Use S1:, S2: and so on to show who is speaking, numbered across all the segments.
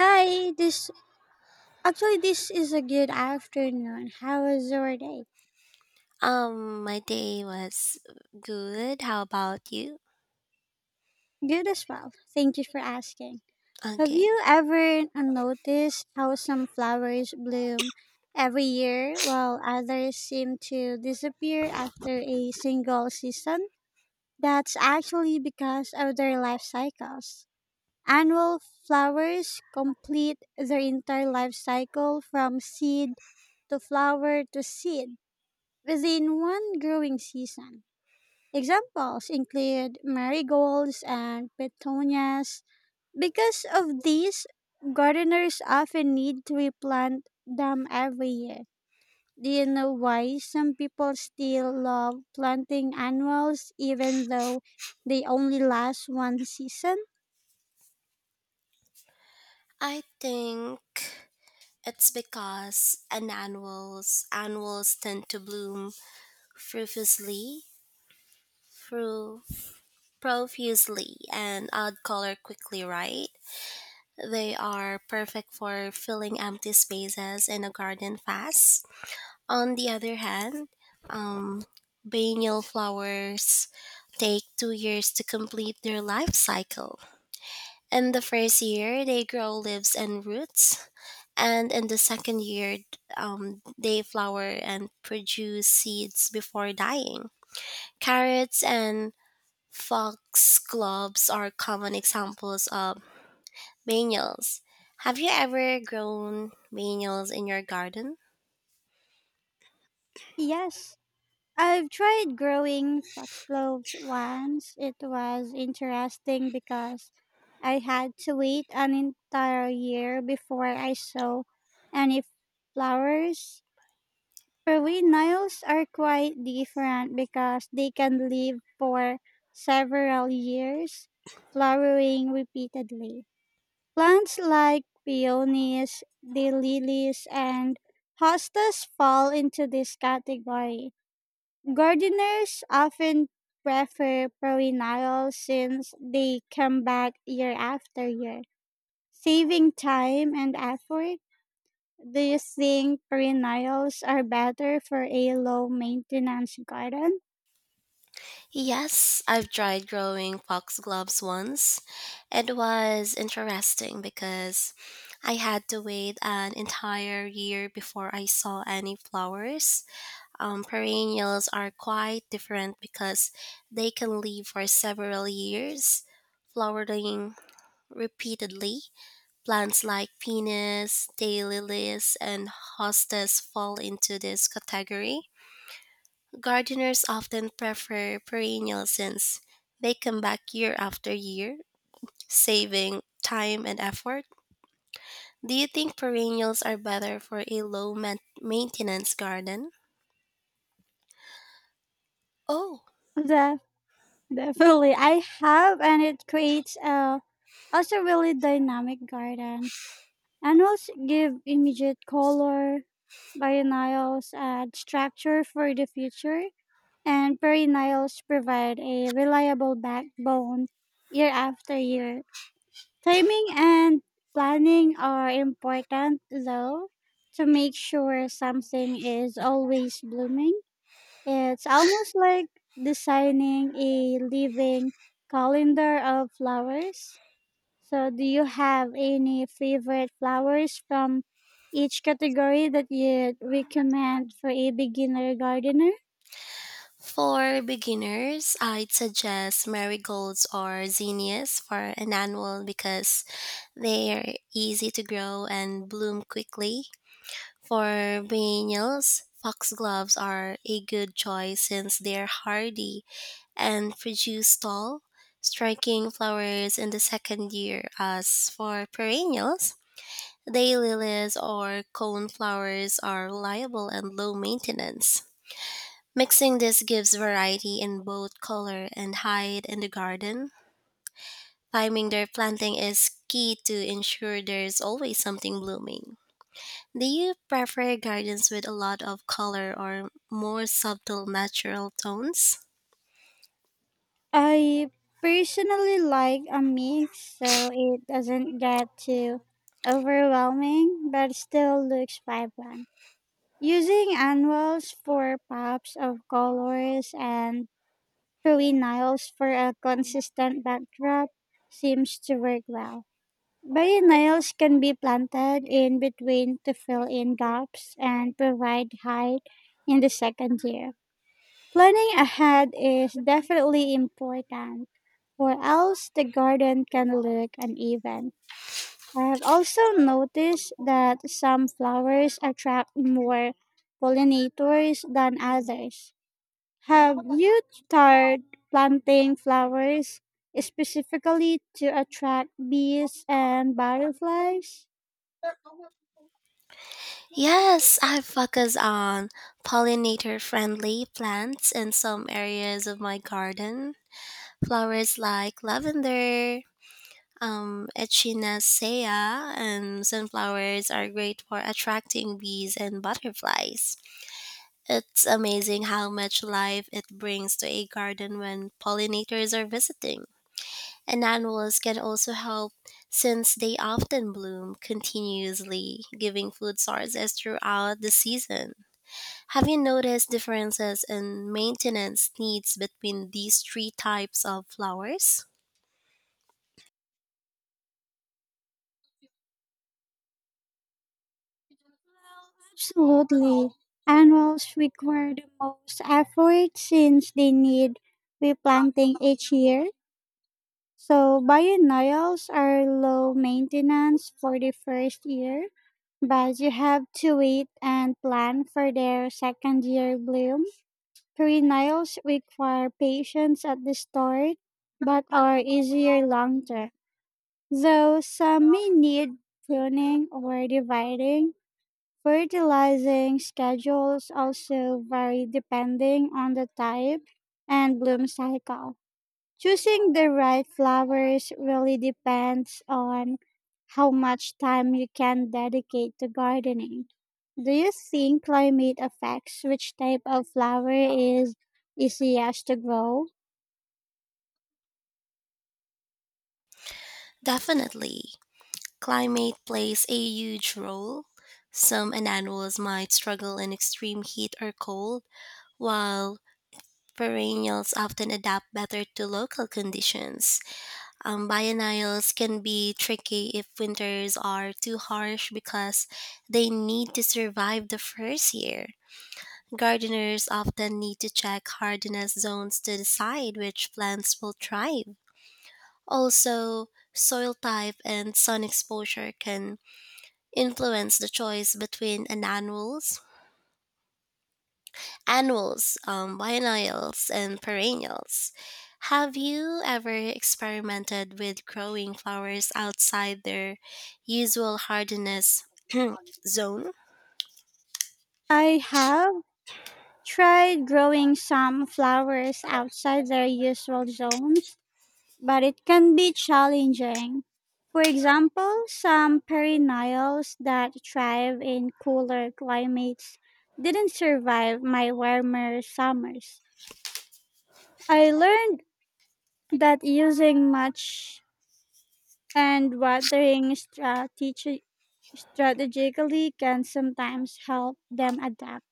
S1: Hi, this actually this is a good afternoon. How was your day?
S2: My day was good. How about you?
S1: Good as well. Thank you for asking. Have
S2: Okay.
S1: you ever noticed how some flowers bloom every year while others seem to disappear after a single season? That's actually because of their life cycles. Annual flowers complete their entire life cycle from seed to flower to seed within one growing season. Examples include marigolds and petunias. Because of these, gardeners often need to replant them every year. Do you know why some people still love planting annuals even though they only last one season?
S2: I think it's because an annuals tend to bloom profusely, through profusely and add color quickly, right? They are perfect for filling empty spaces in a garden fast. On the other hand, um, biennial flowers take 2 years to complete their life cycle. In the first year, they grow leaves and roots, and in the second year, they flower and produce seeds before dying. Carrots and foxgloves are common examples of biennials. Have you ever grown biennials in your garden?
S1: Yes, I've tried growing foxgloves once. It was interesting because I had to wait an entire year before I saw any flowers. Perennials are quite different because they can live for several years, flowering repeatedly. Plants like peonies, daylilies, and hostas fall into this category. Gardeners often prefer perennials since they come back year after year, saving time and effort. Do you think perennials are better for a low maintenance garden?
S2: Yes, I've tried growing foxgloves once. It was interesting because I had to wait an entire year before I saw any flowers. Perennials are quite different because they can live for several years, flowering repeatedly. Plants like penis, daylilies, and hostas fall into this category. Gardeners often prefer perennial since they come back year after year, saving time and effort. Do you think perennials are better for a maintenance garden? Oh,
S1: The Definitely I have, and it creates a also really dynamic garden. Annuals give immediate color, perennials add structure for the future, and perennials provide a reliable backbone year after year. Timing and planning are important, though, to make sure something is always blooming. It's almost like designing a living calendar of flowers. So, do you have any favorite flowers from each category that you recommend for a beginner gardener?
S2: for beginners, I'd suggest marigolds or zinnias for an annual because they're easy to grow and bloom quickly. For perennials, foxgloves are a good choice since they're hardy and produce tall, striking flowers in the second year. As for perennials, day lilies or cone flowers are reliable and low maintenance. Mixing this gives variety in both color and height in the garden. Timing their planting is key to ensure there's always something blooming. Do you prefer gardens with a lot of color or more subtle natural tones?
S1: I personally like a mix so it doesn't get too overwhelming but still looks vibrant. Using annuals for pops of colors and perennials for a consistent backdrop seems to work well. Perennials can be planted in between to fill in gaps and provide height in the second year. Planning ahead is definitely important, or else the garden can look uneven. I have also noticed that some flowers attract more pollinators than others. Have you started planting flowers specifically to attract bees and butterflies?
S2: Yes, I focus on pollinator friendly plants in some areas of my garden. Flowers like lavender, echinacea, and sunflowers are great for attracting bees and butterflies. It's amazing how much life it brings to a garden when pollinators are visiting. And annuals can also help since they often bloom continuously, giving food sources throughout the season. Have you noticed differences in maintenance needs between these three types of flowers?
S1: Absolutely. Annuals require the most effort since they need replanting each year. So biennials are low maintenance for the first year, but you have to wait and plan for their second year bloom. Perennials require patience at the start, but are easier long term. Though some may need pruning or dividing, fertilizing schedules also vary depending on the type and bloom cycle. Choosing the right flowers really depends on how much time you can dedicate to gardening. Do you think climate affects which type of flower is easiest to grow?
S2: Definitely. Climate plays a huge role. Some annuals might struggle in extreme heat or cold, while perennials often adapt better to local conditions. Biennials can be tricky if winters are too harsh because they need to survive the first year. Gardeners often need to check hardiness zones to decide which plants will thrive. Also, soil type and sun exposure can influence the choice between an annuals, biennials, and perennials. Have you ever experimented with growing flowers outside their usual hardiness zone?
S1: I have tried growing some flowers outside their usual zones but it can be challenging. For example, some perennials that thrive in cooler climates didn't survive my warmer summers. I learned that using much and watering strategically can sometimes help them adapt.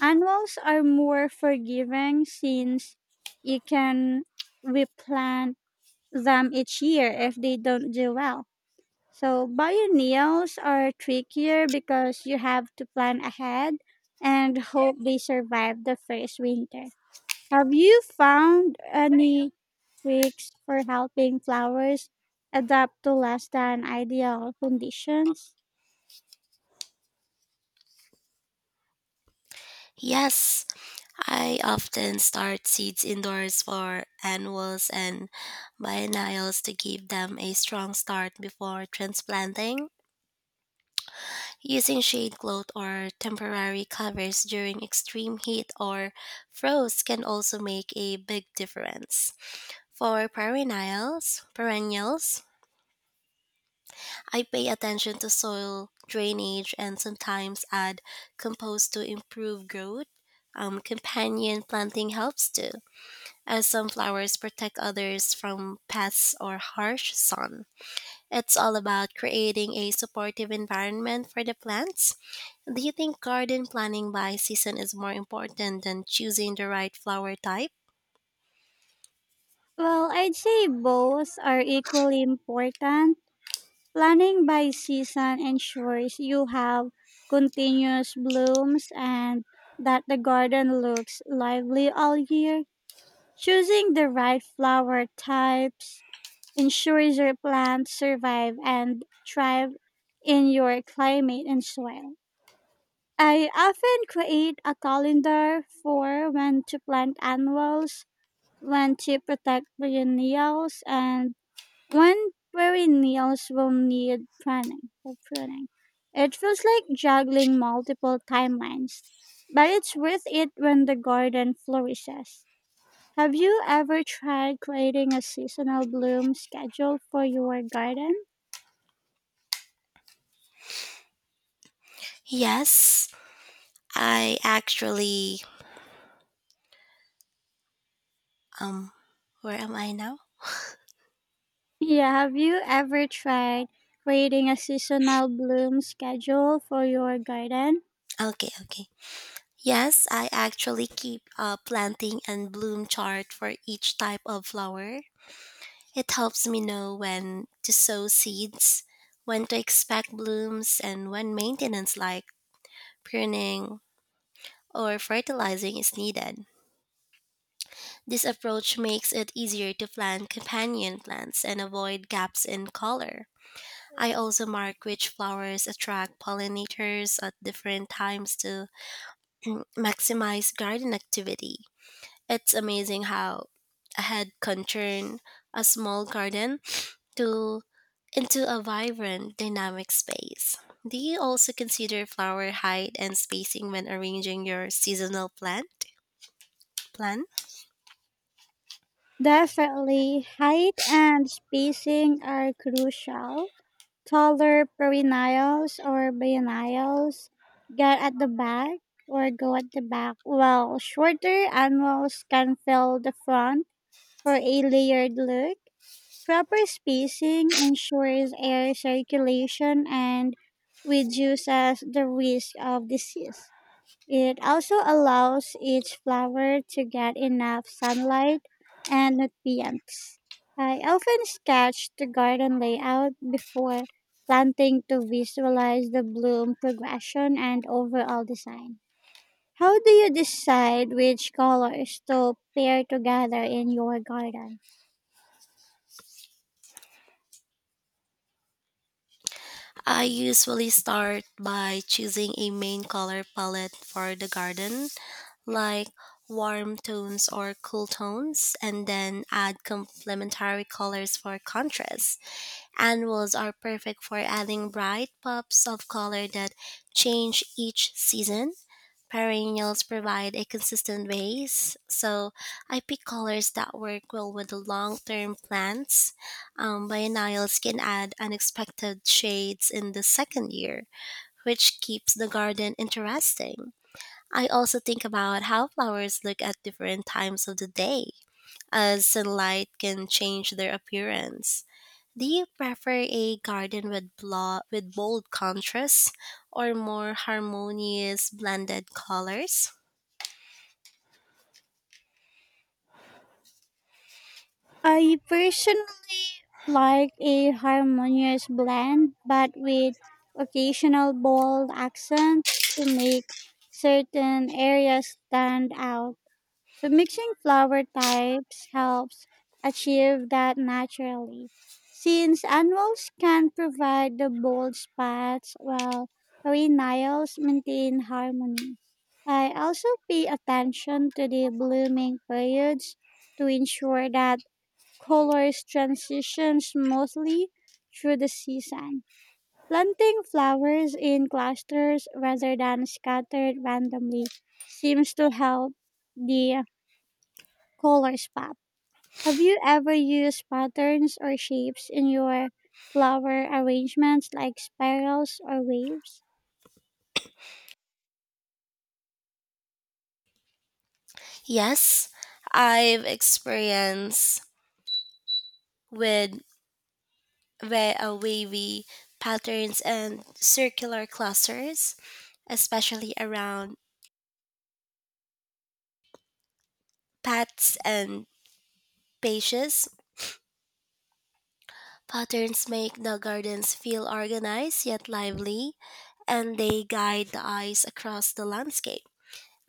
S1: Annuals are more forgiving since you can replant them each year if they don't do well. So biennials are trickier because you have to plan ahead and hope they survive the first winter. Have you found any tricks for helping flowers adapt to less than ideal conditions?
S2: Yes, I often start seeds indoors for annuals and biennials to give them a strong start before transplanting. Using shade cloth or temporary covers during extreme heat or frost can also make a big difference. For perennials, I pay attention to soil drainage and sometimes add compost to improve growth. Companion planting helps too as some flowers protect others from pests or harsh sun. It's all about creating a supportive environment for the plants. Do you think garden planning by season is more important than choosing the right flower type?
S1: Well, I'd say both are equally important. Planning by season ensures you have continuous blooms and that the garden looks lively all year. Choosing the right flower types ensures your plants survive and thrive in your climate and soil. I often create a calendar for when to plant annuals, when to protect perennials, and when perennials will need pruning or pruning. It feels like juggling multiple timelines, but it's worth it when the garden flourishes. Have you ever tried creating a seasonal bloom schedule for your garden?
S2: Yes, I actually um where am I now?
S1: Yeah, have you ever tried creating a seasonal bloom schedule for your garden?
S2: Okay, okay. Yes, I actually keep a planting and bloom chart for each type of flower. It helps me know when to sow seeds, when to expect blooms, and when maintenance like pruning or fertilizing is needed. This approach makes it easier to plant companion plants and avoid gaps in color. I also mark which flowers attract pollinators at different times to maximize garden activity. It's amazing how a head can turn a small garden to into a vibrant, dynamic space. Do you also consider flower height and spacing when arranging your seasonal plan?
S1: Definitely, height and spacing are crucial. Taller perennials or biennials get at the back or go at the back, while shorter annuals can fill the front for a layered look. Proper spacing ensures air circulation and reduces the risk of disease. It also allows each flower to get enough sunlight and nutrients. I often sketch the garden layout before planting to visualize the bloom progression and overall design. How do you decide which colors to pair together in your garden?
S2: I usually start by choosing a main color palette for the garden, like warm tones or cool tones, and then add complementary colors for contrast. Annuals are perfect for adding bright pops of color that change each season. Perennials provide a consistent base, so I pick colors that work well with the long term plants. Biennials can add unexpected shades in the second year, which keeps the garden interesting. I also think about how flowers look at different times of the day, as sunlight can change their appearance. Do you prefer a garden with with bold contrasts or more harmonious blended colors?
S1: I personally like a harmonious blend, but with occasional bold accents to make certain areas stand out. So mixing flower types helps achieve that naturally. Since annuals can provide the bold spots while perennials maintain harmony. I also pay attention to the blooming periods to ensure that colors transition smoothly through the season. Planting flowers in clusters rather than scattered randomly seems to help the colors pop. Have you ever used patterns or shapes in your flower arrangements like spirals or waves?
S2: Yes, I've experienced with wavy patterns and circular clusters, especially around paths and pages. Patterns make the gardens feel organized yet lively, and they guide the eyes across the landscape.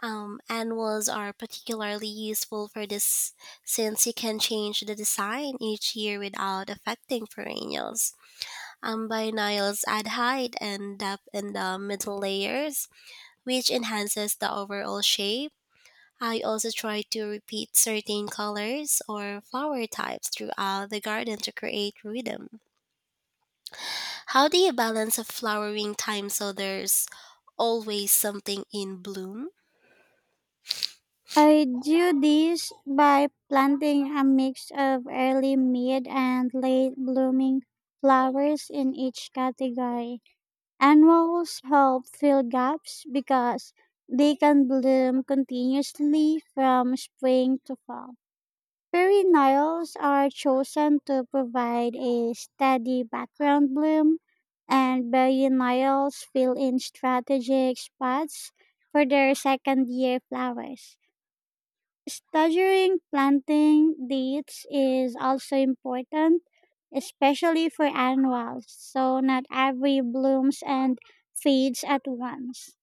S2: Annuals are particularly useful for this since you can change the design each year without affecting perennials. Amblyonials add height and depth in the middle layers, which enhances the overall shape. I also try to repeat certain colors or flower types throughout the garden to create rhythm. How do you balance a flowering time so there's always something in bloom?
S1: I do this by planting a mix of early, mid, and late blooming flowers in each category. Annuals help fill gaps because they can bloom continuously from spring to fall. Perennials are chosen to provide a steady background bloom, and biennials fill in strategic spots for their second year flowers. Staggering planting dates is also important, especially for annuals, so not every blooms and fades at once.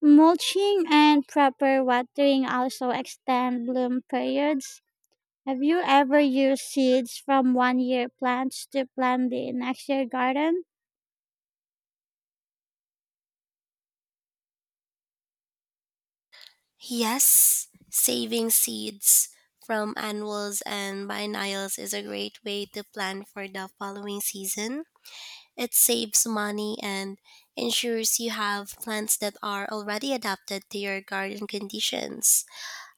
S1: Mulching and proper watering also extend bloom periods. Have you ever used seeds from one year plants to plant the next year garden?
S2: Yes, saving seeds from annuals and biennials is a great way to plan for the following season. It saves money and ensures you have plants that are already adapted to your garden conditions.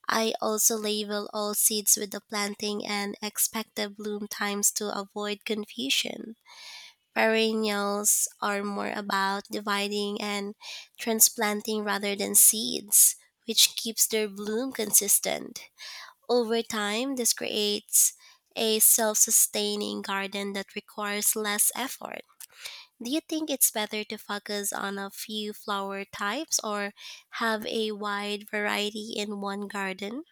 S2: I also label all seeds with the planting and expected bloom times to avoid confusion. Perennials are more about dividing and transplanting rather than seeds, which keeps their bloom consistent. Over time, this creates a self sustaining garden that requires less effort. Do you think it's better to focus on a few flower types or have a wide variety in one garden?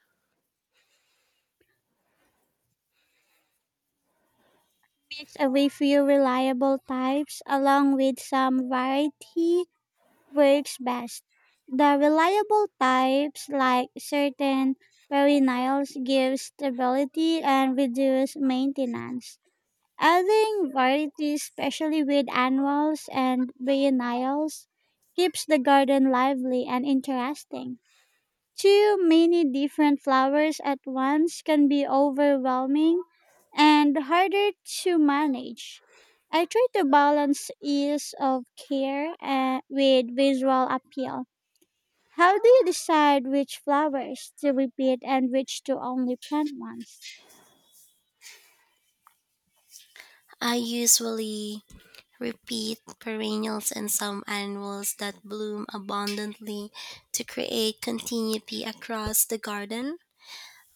S1: Mix away few reliable types along with some variety works best. The reliable types like certain perennials give stability and reduce maintenance. Adding variety, especially with annuals and biennials, keeps the garden lively and interesting. Too many different flowers at once can be overwhelming and harder to manage. I try to balance ease of care with visual appeal. How do you decide which flowers to repeat and which to only plant once?
S2: I usually repeat perennials and some annuals that bloom abundantly to create continuity across the garden.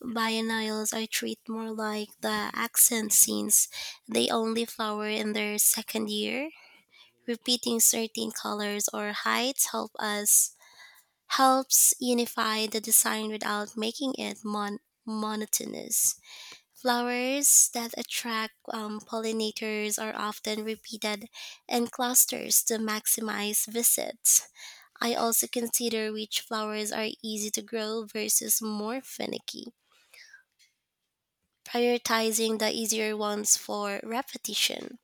S2: Biennials I treat more like the accent scenes. They only flower in their second year. Repeating certain colors or heights helps unify the design without making it monotonous. Flowers that attract pollinators are often repeated in clusters to maximize visits. I also consider which flowers are easy to grow versus more finicky, prioritizing the easier ones for repetition.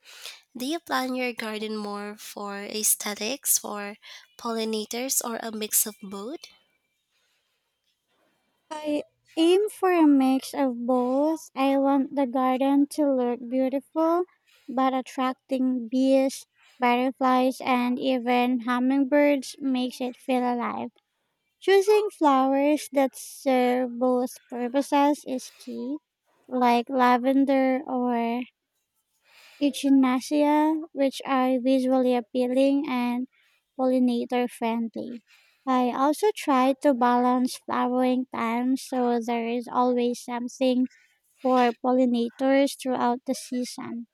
S2: Do you plan your garden more for aesthetics, for pollinators, or a mix of both?
S1: I aim for a mix of both. I want the garden to look beautiful, but attracting bees, butterflies, and even hummingbirds makes it feel alive. Choosing flowers that serve both purposes is key, like lavender or Echinacea, which are visually appealing and pollinator friendly. I also try to balance flowering times so there is always something for pollinators throughout the season.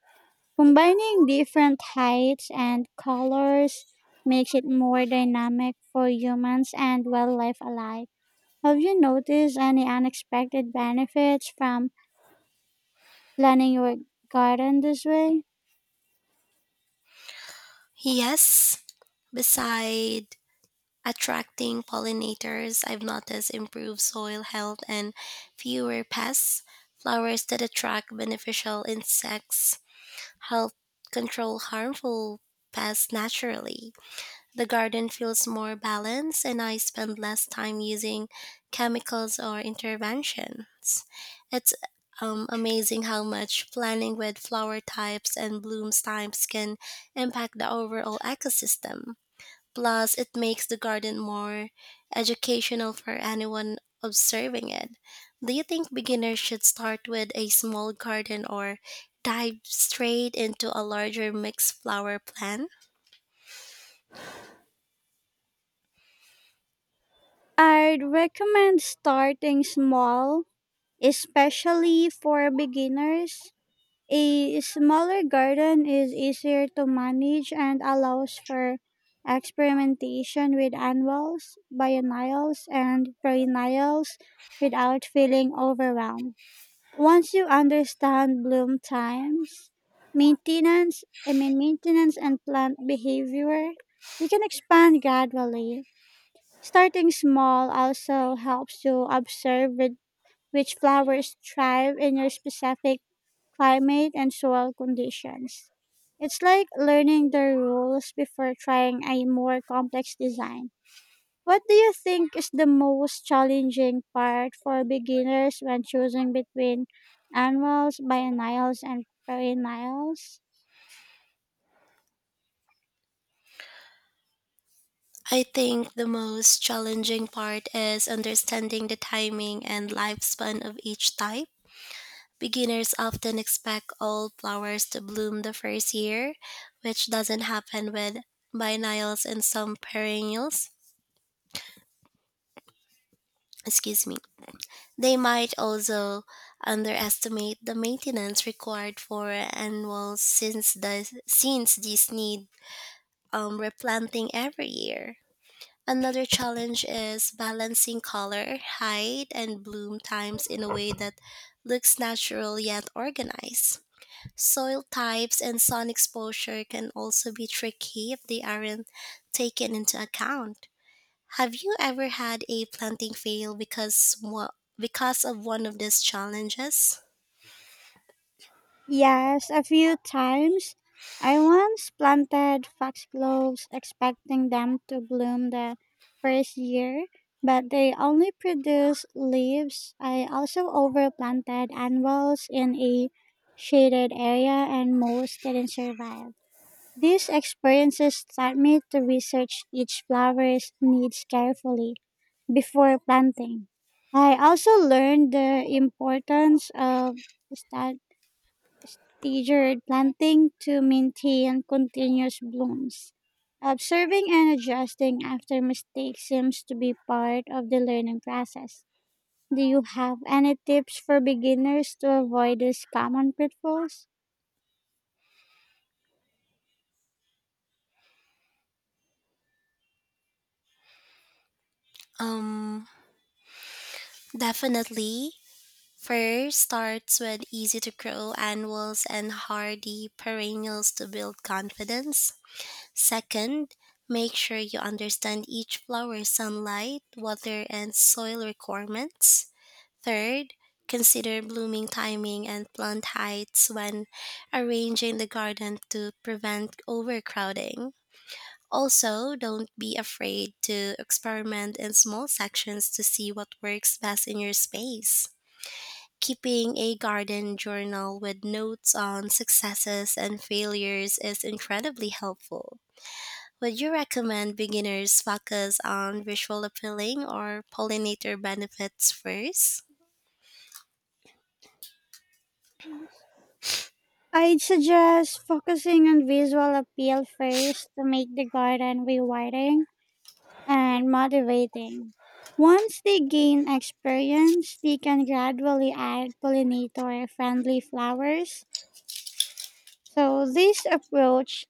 S1: Combining different heights and colors makes it more dynamic for humans and wildlife alike. Have you noticed any unexpected benefits from planning your garden this way?
S2: Yes, beside attracting pollinators, I've noticed improved soil health and fewer pests. Flowers that attract beneficial insects help control harmful pests naturally. The garden feels more balanced and I spend less time using chemicals or interventions. It's amazing how much planning with flower types and bloom types can impact the overall ecosystem. Plus, it makes the garden more educational for anyone observing it. Do you think beginners should start with a small garden or dive straight into a larger mixed flower plan?
S1: I'd recommend starting small, especially for beginners. A smaller garden is easier to manage and allows for experimentation with annuals, biennials, and perennials without feeling overwhelmed. Once you understand bloom times, maintenance, I mean maintenance and plant behavior, you can expand gradually. Starting small also helps you observe with which flowers thrive in your specific climate and soil conditions. It's like learning the rules before trying a more complex design. What do you think is the most challenging part for beginners when choosing between annuals, biennials, and perennials?
S2: I think the most challenging part is understanding the timing and lifespan of each type. Beginners often expect all flowers to bloom the first year, which doesn't happen with biennials and some perennials. Excuse me. They might also underestimate the maintenance required for annuals since these need replanting every year. Another challenge is balancing color, height, and bloom times in a way that looks natural yet organized. Soil types and sun exposure can also be tricky if they aren't taken into account. Have you ever had a planting fail because of one of these challenges?
S1: Yes, a few times. I once planted foxgloves expecting them to bloom the first year, but they only produced leaves. I also overplanted annuals in a shaded area and most didn't survive. These experiences taught me to research each flower's needs carefully before planting. I also learned the importance of sta- staggered planting to maintain continuous blooms. Observing and adjusting after mistakes seems to be part of the learning process. Do you have any tips for beginners to avoid these common pitfalls?
S2: Um, Definitely. First starts with easy to grow annuals and hardy perennials to build confidence. Second, make sure you understand each flower's sunlight, water, and soil requirements. Third, consider blooming timing and plant heights when arranging the garden to prevent overcrowding. Also, don't be afraid to experiment in small sections to see what works best in your space. Keeping a garden journal with notes on successes and failures is incredibly helpful. Would you recommend beginners focus on visual appealing or pollinator benefits first?
S1: I'd suggest focusing on visual appeal first to make the garden rewarding and motivating. Once they gain experience, they can gradually add pollinator friendly flowers. So this approach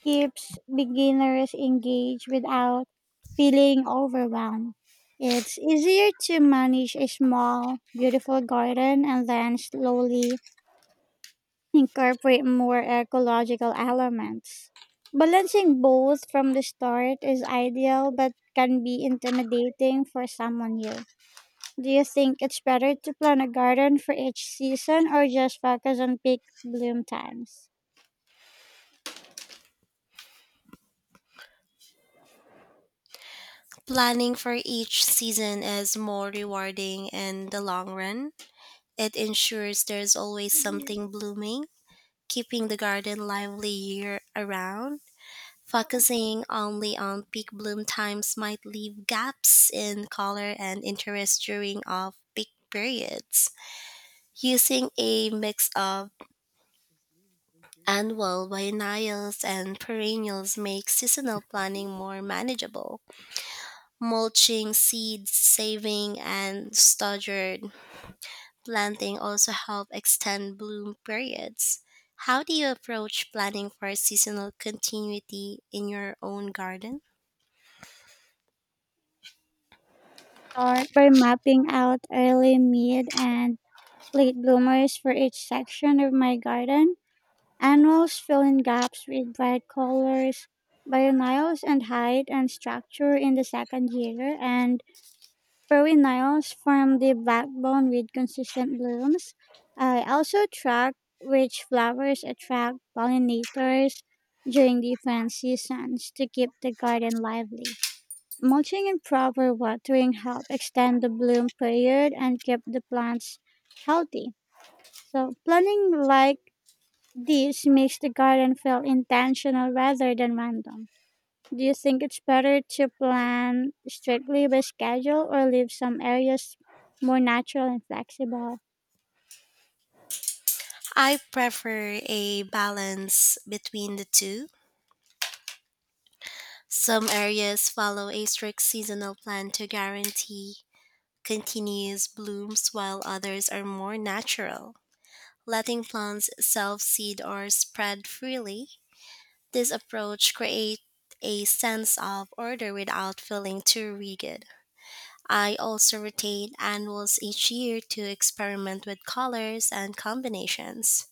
S1: keeps beginners engaged without feeling overwhelmed. It's easier to manage a small, beautiful garden and then slowly incorporate more ecological elements. Balancing both from the start is ideal but can be intimidating for someone new. Do you think it's better to plan a garden for each season or just focus on peak bloom times?
S2: Planning for each season is more rewarding in the long run. It ensures there's always something blooming, keeping the garden lively year around. Focusing only on peak bloom times might leave gaps in color and interest during off peak periods. Using a mix of annual, biennials, and perennials makes seasonal planning more manageable. Mulching, seed saving, and staggered planting also help extend bloom periods. How do you approach planning for seasonal continuity in your own garden?
S1: Start by mapping out early, mid, and late bloomers for each section of my garden. Annuals fill in gaps with bright colors. Biennials and height and structure in the second year, and perennials form the backbone with consistent blooms. I also track which flowers attract pollinators during different seasons to keep the garden lively. Mulching and proper watering help extend the bloom period and keep the plants healthy. So, planning like this makes the garden feel intentional rather than random. Do you think it's better to plan strictly by schedule or leave some areas more natural and flexible?
S2: I prefer a balance between the two. Some areas follow a strict seasonal plan to guarantee continuous blooms, while others are more natural, letting plants self seed or spread freely. This approach creates a sense of order without feeling too rigid. I also rotate annuals each year to experiment with colors and combinations.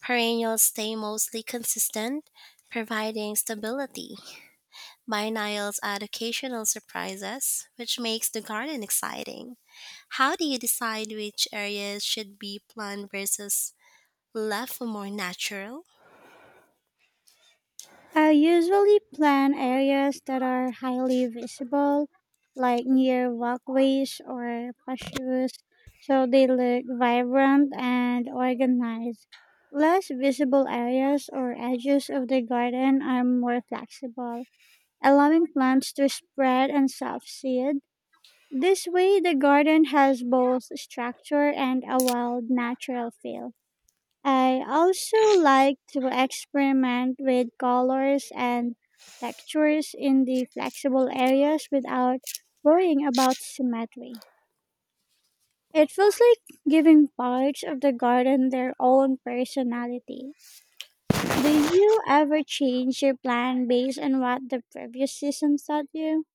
S2: Perennials stay mostly consistent, providing stability. Biennials add occasional surprises, which makes the garden exciting. How do you decide which areas should be planned versus left for more natural?
S1: I usually plan areas that are highly visible, like near walkways or patios, so they look vibrant and organized. Less visible areas or edges of the garden are more flexible, allowing plants to spread and self seed. This way, the garden has both structure and a wild natural feel. I also like to experiment with colors and textures in the flexible areas without worrying about symmetry. It feels like giving parts of the garden their own personality. Do you ever change your plan based on what the previous season taught you?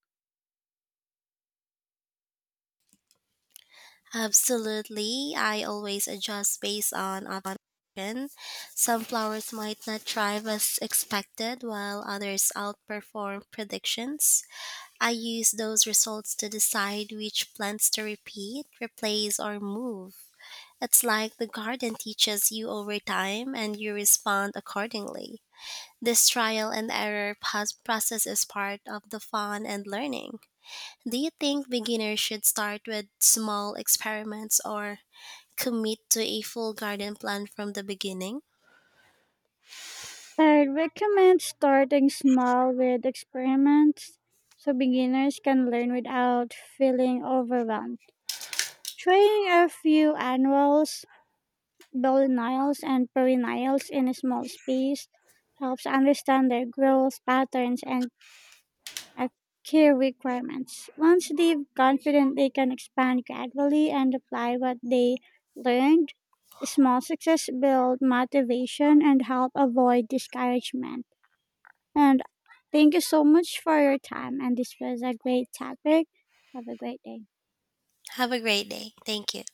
S2: Absolutely. I always adjust based on option. Some flowers might not thrive as expected while others outperform predictions. I use those results to decide which plants to repeat, replace or move. It's like the garden teaches you over time and you respond accordingly. This trial and error process is part of the fun and learning. Do you think beginners should start with small experiments or commit to a full garden plan from the beginning.
S1: I recommend starting small with experiments so beginners can learn without feeling overwhelmed. Trying a few annuals, biennials, and perennials in a small space helps understand their growth patterns and uh, key requirements. Once they've confident, they can expand gradually and apply what they learned. Small success build motivation and help avoid discouragement. And thank you so much for your time. And this was a great topic. Have a great day.
S2: Have a great day. Thank you.